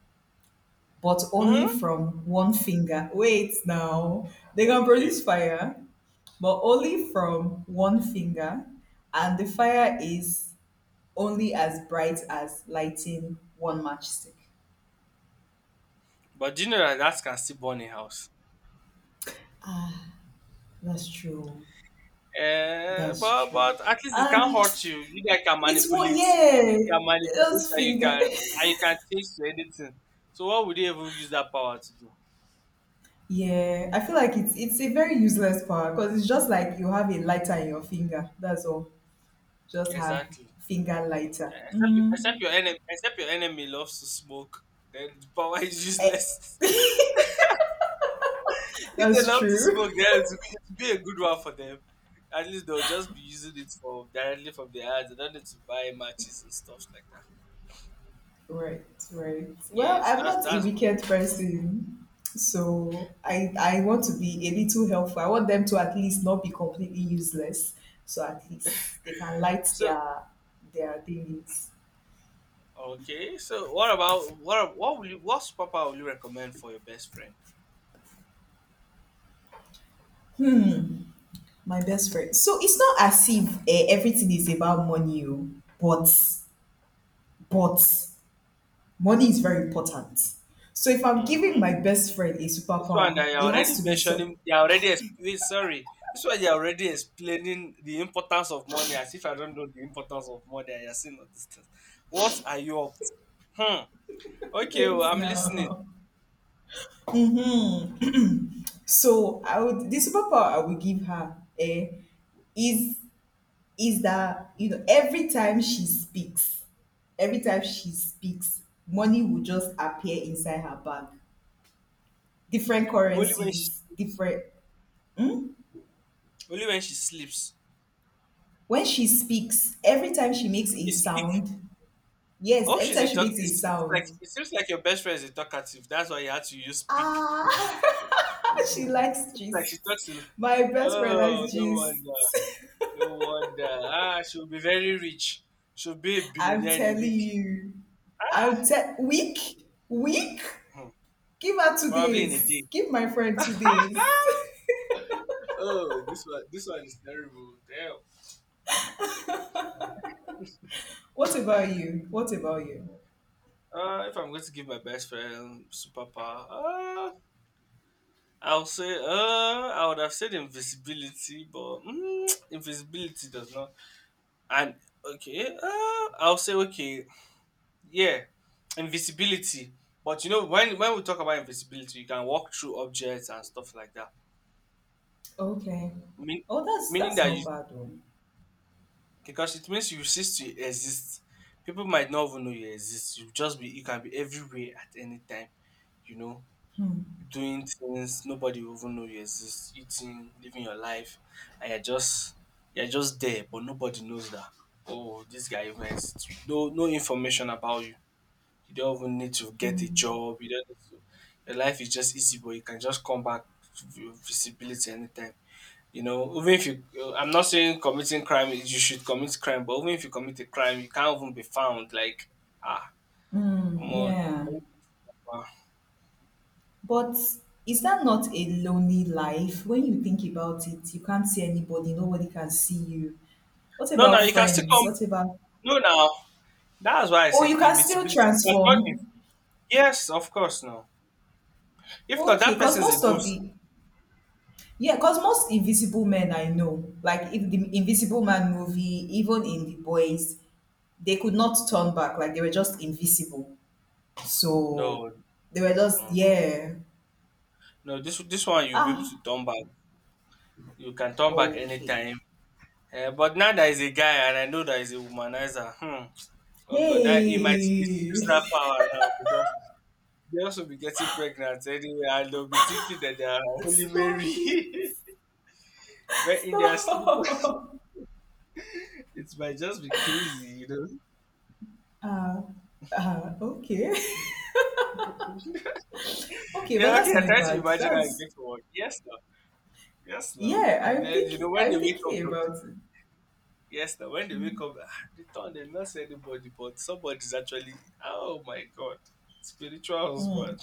Speaker 1: but only
Speaker 2: Hmm?
Speaker 1: from one finger. Wait now. They can
Speaker 2: Okay.
Speaker 1: produce fire, but only from one finger, and the fire is only as bright as lighting one matchstick.
Speaker 2: But do you know that that can still burn a house?
Speaker 1: That's true. That's true.
Speaker 2: But at least it
Speaker 1: Ah,
Speaker 2: can't hurt you. You guys can
Speaker 1: it's what,
Speaker 2: manipulate.
Speaker 1: yeah,
Speaker 2: You can manipulate
Speaker 1: just
Speaker 2: and you
Speaker 1: finger.
Speaker 2: can and you can change to anything. So what would you even use that power to do?
Speaker 1: Yeah, I feel like it's a very useless power because it's just like you have a lighter in your finger. That's all. Just have
Speaker 2: Exactly.
Speaker 1: finger lighter.
Speaker 2: Except, except
Speaker 1: Mm.
Speaker 2: your enemy, except your enemy loves to smoke, then the power is
Speaker 1: Eh,
Speaker 2: useless. [laughs] If they
Speaker 1: that's
Speaker 2: love to
Speaker 1: true.
Speaker 2: smoke, then it will be a good one for them. At least they'll just be using it for directly from their ads. They don't need to buy matches and stuff like that.
Speaker 1: [laughs] Right, right.
Speaker 2: Yeah,
Speaker 1: Well,
Speaker 2: so
Speaker 1: I'm
Speaker 2: that's
Speaker 1: not a
Speaker 2: that's
Speaker 1: wicked person, so I want to be a little helpful. I want them to at least not be completely useless. So at least they can light
Speaker 2: so
Speaker 1: their thingies.
Speaker 2: okay. So what about what superpower will you recommend for your best friend?
Speaker 1: My best friend. So it's not as if eh, everything is about money, oh, but but money is very important. So if I'm giving
Speaker 2: Hmm.
Speaker 1: my best friend a
Speaker 2: This one
Speaker 1: superpower,
Speaker 2: that you're
Speaker 1: it has
Speaker 2: already
Speaker 1: to be so.
Speaker 2: mentioning, you're already explaining. Sorry, this one you're already explaining the importance of money as if I don't know the importance of money, and you're saying all these things. What are you up to? Hmm.
Speaker 1: [laughs]
Speaker 2: Okay,
Speaker 1: Wait
Speaker 2: well, I'm listening.
Speaker 1: now. So I would the superpower I would give her is that you know every time she speaks, money will just appear inside her bag. Different
Speaker 2: Only when she
Speaker 1: currencies,
Speaker 2: sleeps.
Speaker 1: different.
Speaker 2: Only when she sleeps.
Speaker 1: When she speaks, every time she makes a
Speaker 2: Okay, speak.
Speaker 1: sound, yes,
Speaker 2: Oh,
Speaker 1: every
Speaker 2: she's
Speaker 1: time
Speaker 2: a
Speaker 1: she
Speaker 2: talk.
Speaker 1: makes
Speaker 2: It
Speaker 1: a
Speaker 2: seems like
Speaker 1: sound,
Speaker 2: it seems like your best friend is a talkative. That's why you had to use speak.
Speaker 1: ah, [laughs] she likes
Speaker 2: Seems like
Speaker 1: gist.
Speaker 2: she talks a lot.
Speaker 1: My best friend
Speaker 2: Oh,
Speaker 1: likes
Speaker 2: no
Speaker 1: gist.
Speaker 2: wonder. No wonder. Ah, she'll be very rich. She'll be a
Speaker 1: [laughs] I'm
Speaker 2: billionaire in a
Speaker 1: telling
Speaker 2: week.
Speaker 1: you.
Speaker 2: Ah.
Speaker 1: Week, week.
Speaker 2: Hmm.
Speaker 1: Give her two
Speaker 2: Probably in a day.
Speaker 1: days. Give my friend 2 days.
Speaker 2: [laughs] Oh, this one is terrible. Damn.
Speaker 1: [laughs] What about you? What about you?
Speaker 2: If I'm going to give my best friend superpower, I'll say, I would have said invisibility, but invisibility does not. And okay, I'll say okay, yeah, invisibility. But when we talk about invisibility, you can walk through objects and stuff like that.
Speaker 1: Okay.
Speaker 2: Mean,
Speaker 1: Oh, that's
Speaker 2: meaning
Speaker 1: that's
Speaker 2: that
Speaker 1: not
Speaker 2: you
Speaker 1: bad though.
Speaker 2: because it means you cease to exist. People might not even know you exist. You can be everywhere at any time, you know,
Speaker 1: Hmm.
Speaker 2: doing things, nobody will even know you exist, eating, living your life, and you're just there, but nobody knows that. Oh, this guy even exists. No information about you. You don't even need to get a
Speaker 1: Hmm.
Speaker 2: job. You don't need to, your life is just easy, but you can just come back with visibility anytime. Even if you, I'm not saying committing crime is you should commit crime, but even if you commit a crime, you can't even be found. Like, ah,
Speaker 1: Hmm,
Speaker 2: omo,
Speaker 1: yeah.
Speaker 2: it's
Speaker 1: But is that not a lonely life? When you think about it, you can't see anybody, nobody can see you. What
Speaker 2: no, no,
Speaker 1: about
Speaker 2: you can still
Speaker 1: friends?
Speaker 2: come.
Speaker 1: What about.
Speaker 2: No, now that's why I
Speaker 1: Oh,
Speaker 2: said
Speaker 1: you can still
Speaker 2: invisibility. You can turn inv-
Speaker 1: transform.
Speaker 2: Yes, of course, no. If not,
Speaker 1: Okay,
Speaker 2: that
Speaker 1: because
Speaker 2: person is a
Speaker 1: most of
Speaker 2: ghost.
Speaker 1: the yeah, because most invisible men I know, like if the Invisible Man movie, even in The Boys, they could not turn back, like they were just invisible.
Speaker 2: No,
Speaker 1: So they were
Speaker 2: no,
Speaker 1: just
Speaker 2: no, no.
Speaker 1: yeah.
Speaker 2: No, this one
Speaker 1: So,
Speaker 2: you'll be able to
Speaker 1: ah,
Speaker 2: turn back. You can turn back
Speaker 1: okay.
Speaker 2: anytime. But now there is a guy, and I know there is a womanizer. Hmm. Oh God, that he might misuse
Speaker 1: Hey,
Speaker 2: that power now because they also be getting pregnant anyway, and they'll be thinking that they are
Speaker 1: [laughs]
Speaker 2: Holy
Speaker 1: stop
Speaker 2: Mary. [laughs]
Speaker 1: it.
Speaker 2: But
Speaker 1: [laughs]
Speaker 2: in their sleep, [laughs]
Speaker 1: uh,
Speaker 2: it might just be crazy.
Speaker 1: okay, [laughs] okay, but
Speaker 2: Yeah, okay,
Speaker 1: that's
Speaker 2: I
Speaker 1: not
Speaker 2: try to
Speaker 1: bad.
Speaker 2: imagine how it's
Speaker 1: That's
Speaker 2: going to work. Yes, now, yes, now.
Speaker 1: yeah.
Speaker 2: And
Speaker 1: I'm
Speaker 2: then you
Speaker 1: thinking.
Speaker 2: know when they
Speaker 1: I'm
Speaker 2: wake up,
Speaker 1: thinking
Speaker 2: the, the-
Speaker 1: about it.
Speaker 2: Yes, now when they wake up, they not see anybody, but somebody's actually, oh my god, spiritual
Speaker 1: Hmm.
Speaker 2: husband.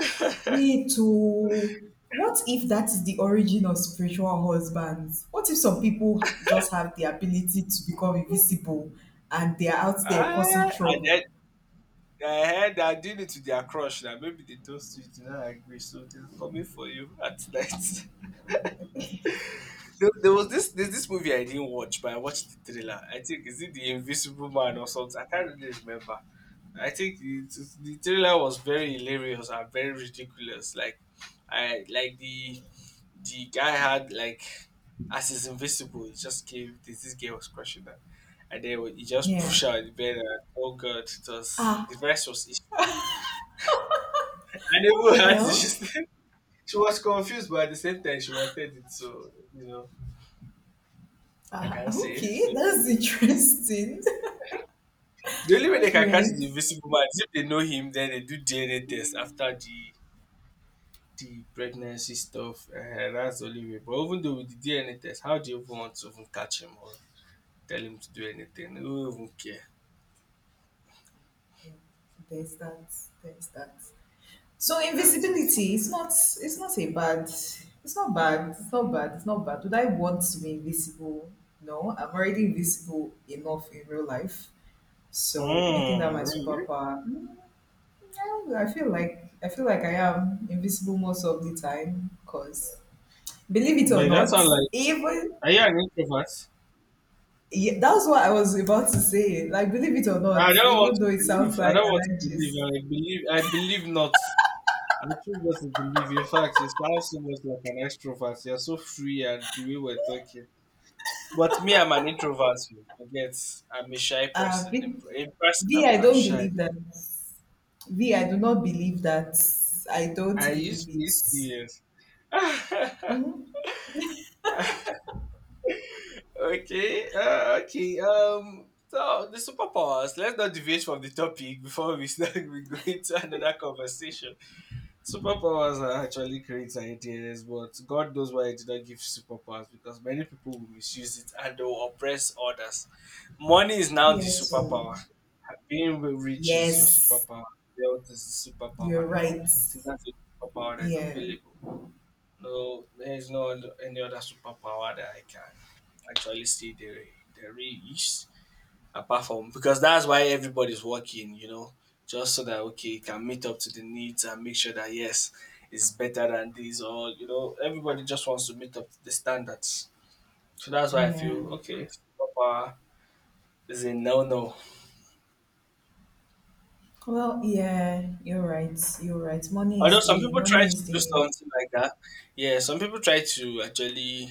Speaker 2: [laughs]
Speaker 1: Wait, to what if that is the origin of spiritual husbands? What if some people just have the ability to become invisible, and they are out there causing
Speaker 2: And
Speaker 1: trouble?
Speaker 2: then I heard that did it to their crush. Now maybe they toast you, do not agree, so they are coming for you at [laughs] night. There's this movie I didn't watch, but I watched the trailer. I think is it the Invisible Man or something. I can't really remember. I think the trailer was very hilarious and very ridiculous. Like, I like the guy had like as he's invisible, he just came. This guy was crushing that, and then when he just
Speaker 1: Yeah.
Speaker 2: pushed out the bed. And, oh God, it was the
Speaker 1: Ah,
Speaker 2: rest was history. I
Speaker 1: what
Speaker 2: never
Speaker 1: the
Speaker 2: had to. [laughs] She,
Speaker 1: hell?
Speaker 2: she was confused, but at the same time, she wanted it. So, I
Speaker 1: Ah,
Speaker 2: can't say
Speaker 1: okay,
Speaker 2: so.
Speaker 1: that's interesting.
Speaker 2: The
Speaker 1: [laughs]
Speaker 2: only way they
Speaker 1: That's
Speaker 2: can catch
Speaker 1: weird.
Speaker 2: the invisible man is if they know him, then they do DNA test after the pregnancy stuff. That's the only way. But even though with the DNA test, how do you even want to even catch him or tell him to do anything? Who even care?
Speaker 1: There's that. There's that. So
Speaker 2: That's it.
Speaker 1: invisibility, it's not a bad it's not bad. It's not bad. It's not bad. Would I want to be invisible? No, I'm already invisible enough in real life. So making that
Speaker 2: Mm,
Speaker 1: my
Speaker 2: really?
Speaker 1: superpower, mm, I don't know, I feel like I am invisible most of the time. Cause believe it or
Speaker 2: But that
Speaker 1: not,
Speaker 2: sounds like,
Speaker 1: even
Speaker 2: are you an introvert?
Speaker 1: yeah, that's what I was about to say. Like believe it or not,
Speaker 2: I don't want
Speaker 1: even though
Speaker 2: to
Speaker 1: it sounds
Speaker 2: believe. I
Speaker 1: like
Speaker 2: don't want to believe.
Speaker 1: allergies,
Speaker 2: I believe. I believe not. I choose not to believe. In fact, you sound so much like an extrovert. You're so free, and the way we're talking. But me, I'm an introvert. You forget, I'm a shy person.
Speaker 1: V,
Speaker 2: In person,
Speaker 1: V, I
Speaker 2: I'm
Speaker 1: don't
Speaker 2: shy.
Speaker 1: believe that. V, I do not believe that. I don't
Speaker 2: I
Speaker 1: believe
Speaker 2: used to be
Speaker 1: it.
Speaker 2: serious. [laughs] Okay. So the superpowers. Let's not deviate from the topic before we start. [laughs] We go into another conversation. Superpowers are actually great ideas, but God knows why I did not give superpowers because many people will misuse it and they will oppress others. Money is now the
Speaker 1: Yes. So,
Speaker 2: superpower. Being rich is your
Speaker 1: yes,
Speaker 2: superpower. Wealth is the
Speaker 1: you're
Speaker 2: superpower now.
Speaker 1: right.
Speaker 2: I think that's the superpower that is
Speaker 1: Yeah,
Speaker 2: available. No, there is no other- any other superpower that I can actually see there is apart from because that's why everybody's working, just so that okay, you can meet up to the needs and make sure that yes, it's better than this or everybody just wants to meet up to the standards. So that's why I
Speaker 1: yeah.
Speaker 2: feel okay, superpower is a no no.
Speaker 1: Well, yeah, you're right. You're right.
Speaker 2: Although some people try
Speaker 1: Money
Speaker 2: to
Speaker 1: is the
Speaker 2: do
Speaker 1: new.
Speaker 2: something like that. Yeah, some people try to actually,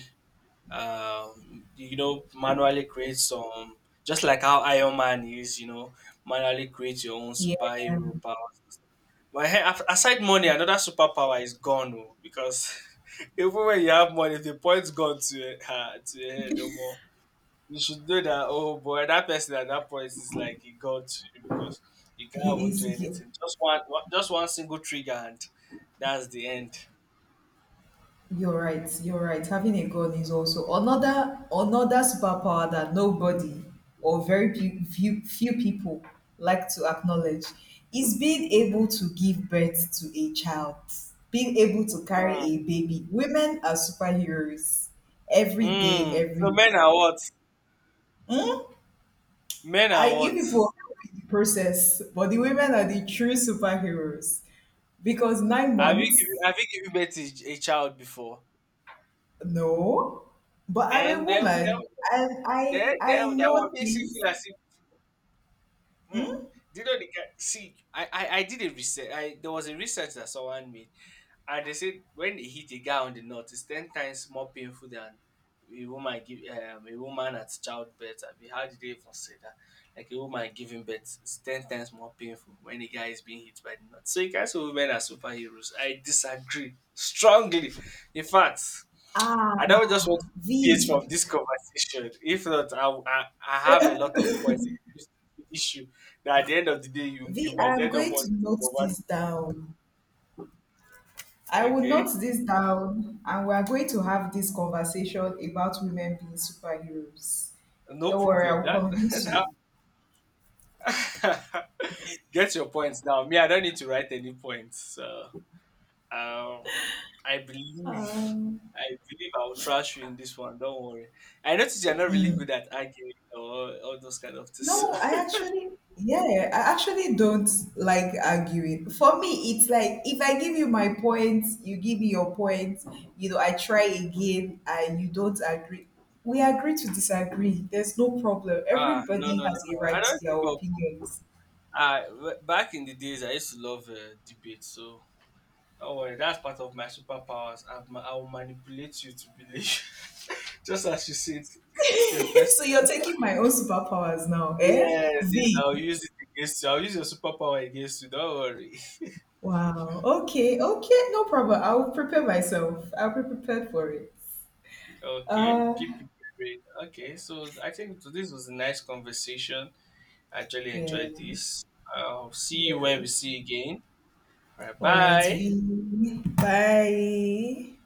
Speaker 2: manually create some, just like how Iron Man is, manually create your own
Speaker 1: Yeah,
Speaker 2: superhero power. But hey, aside money, another superpower is gone oh, because [laughs] even when you have money, the point's gone to your, [laughs] to your head no more you should know that oh boy that person at that point is like a god to you because you can't
Speaker 1: he
Speaker 2: even do
Speaker 1: is. He,
Speaker 2: anything just one single trigger and that's the end.
Speaker 1: you're right. You're right. Having a gun is also another another superpower that nobody or very few few people like to acknowledge is being able to give birth to a child, being able to carry
Speaker 2: Hmm.
Speaker 1: a baby. Women are superheroes every day,
Speaker 2: Hmm. So men
Speaker 1: everywhere.
Speaker 2: are what
Speaker 1: Hmm?
Speaker 2: men are
Speaker 1: I You
Speaker 2: what
Speaker 1: people are the process, but the women are the true superheroes because nine
Speaker 2: have you given
Speaker 1: months
Speaker 2: have you given birth to a child before?
Speaker 1: No, but I'm a
Speaker 2: then then then
Speaker 1: woman and I
Speaker 2: then
Speaker 1: I
Speaker 2: then then
Speaker 1: know
Speaker 2: what makes you
Speaker 1: things.
Speaker 2: feel as if, hmm, do you know the guy see I did a research I There was a research that someone made. And they said when they hit a guy on the nut, it's 10 times more painful than a woman at childbirth. I mean, how did they even say that? Like a woman giving birth is 10 times more painful when a guy is being hit by the nut. So you can say women are superheroes. I disagree strongly. In fact,
Speaker 1: Ah,
Speaker 2: I don't just want to deviate
Speaker 1: V.
Speaker 2: from this conversation. If not, I have a lot of points on this issue that at the end of the day you
Speaker 1: V,
Speaker 2: you might
Speaker 1: I'm
Speaker 2: end up
Speaker 1: going to
Speaker 2: wanting
Speaker 1: note
Speaker 2: to
Speaker 1: this down. I
Speaker 2: convert.
Speaker 1: will note
Speaker 2: Okay,
Speaker 1: this down and we are going to have this conversation about women being superheroes.
Speaker 2: no
Speaker 1: Don't worry,
Speaker 2: problem.
Speaker 1: I will
Speaker 2: That [laughs]
Speaker 1: convince
Speaker 2: that
Speaker 1: you.
Speaker 2: [laughs] Get your points down. Me, I don't need to write any points. So, um, I believe,
Speaker 1: Um,
Speaker 2: I believe I will trash you in this one. Don't worry. I notice you're not really good at arguing or all those kind of things. So.
Speaker 1: No, I
Speaker 2: [laughs]
Speaker 1: actually, yeah, I actually don't like arguing. For me, it's like if I give you my points, you give me your points, you know, I try again and you don't agree. We agree to disagree. There's no problem.
Speaker 2: Ah, no,
Speaker 1: Everybody
Speaker 2: no, no,
Speaker 1: has a
Speaker 2: no. I
Speaker 1: right to
Speaker 2: don't
Speaker 1: their
Speaker 2: give up, oh.
Speaker 1: opinions.
Speaker 2: Back in the days, I used to love debate. So, don't worry. That's part of my superpowers. I will manipulate you to believe, [laughs] just as you said, your
Speaker 1: [laughs]
Speaker 2: first.
Speaker 1: So you're taking my own superpowers now, eh?
Speaker 2: Yes, yes,
Speaker 1: V.
Speaker 2: I'll use it against you. I'll use your superpower against you. Don't worry. [laughs]
Speaker 1: Wow. Okay. Okay. No problem. I'll prepare myself. I'll be prepared for it.
Speaker 2: Okay,
Speaker 1: Uh,
Speaker 2: keep preparing. Okay, so I think this was a nice conversation. I actually
Speaker 1: yeah.
Speaker 2: enjoyed this. I'll see you when
Speaker 1: Yeah.
Speaker 2: we see you again. All right,
Speaker 1: All right,
Speaker 2: bye.
Speaker 1: V. Bye.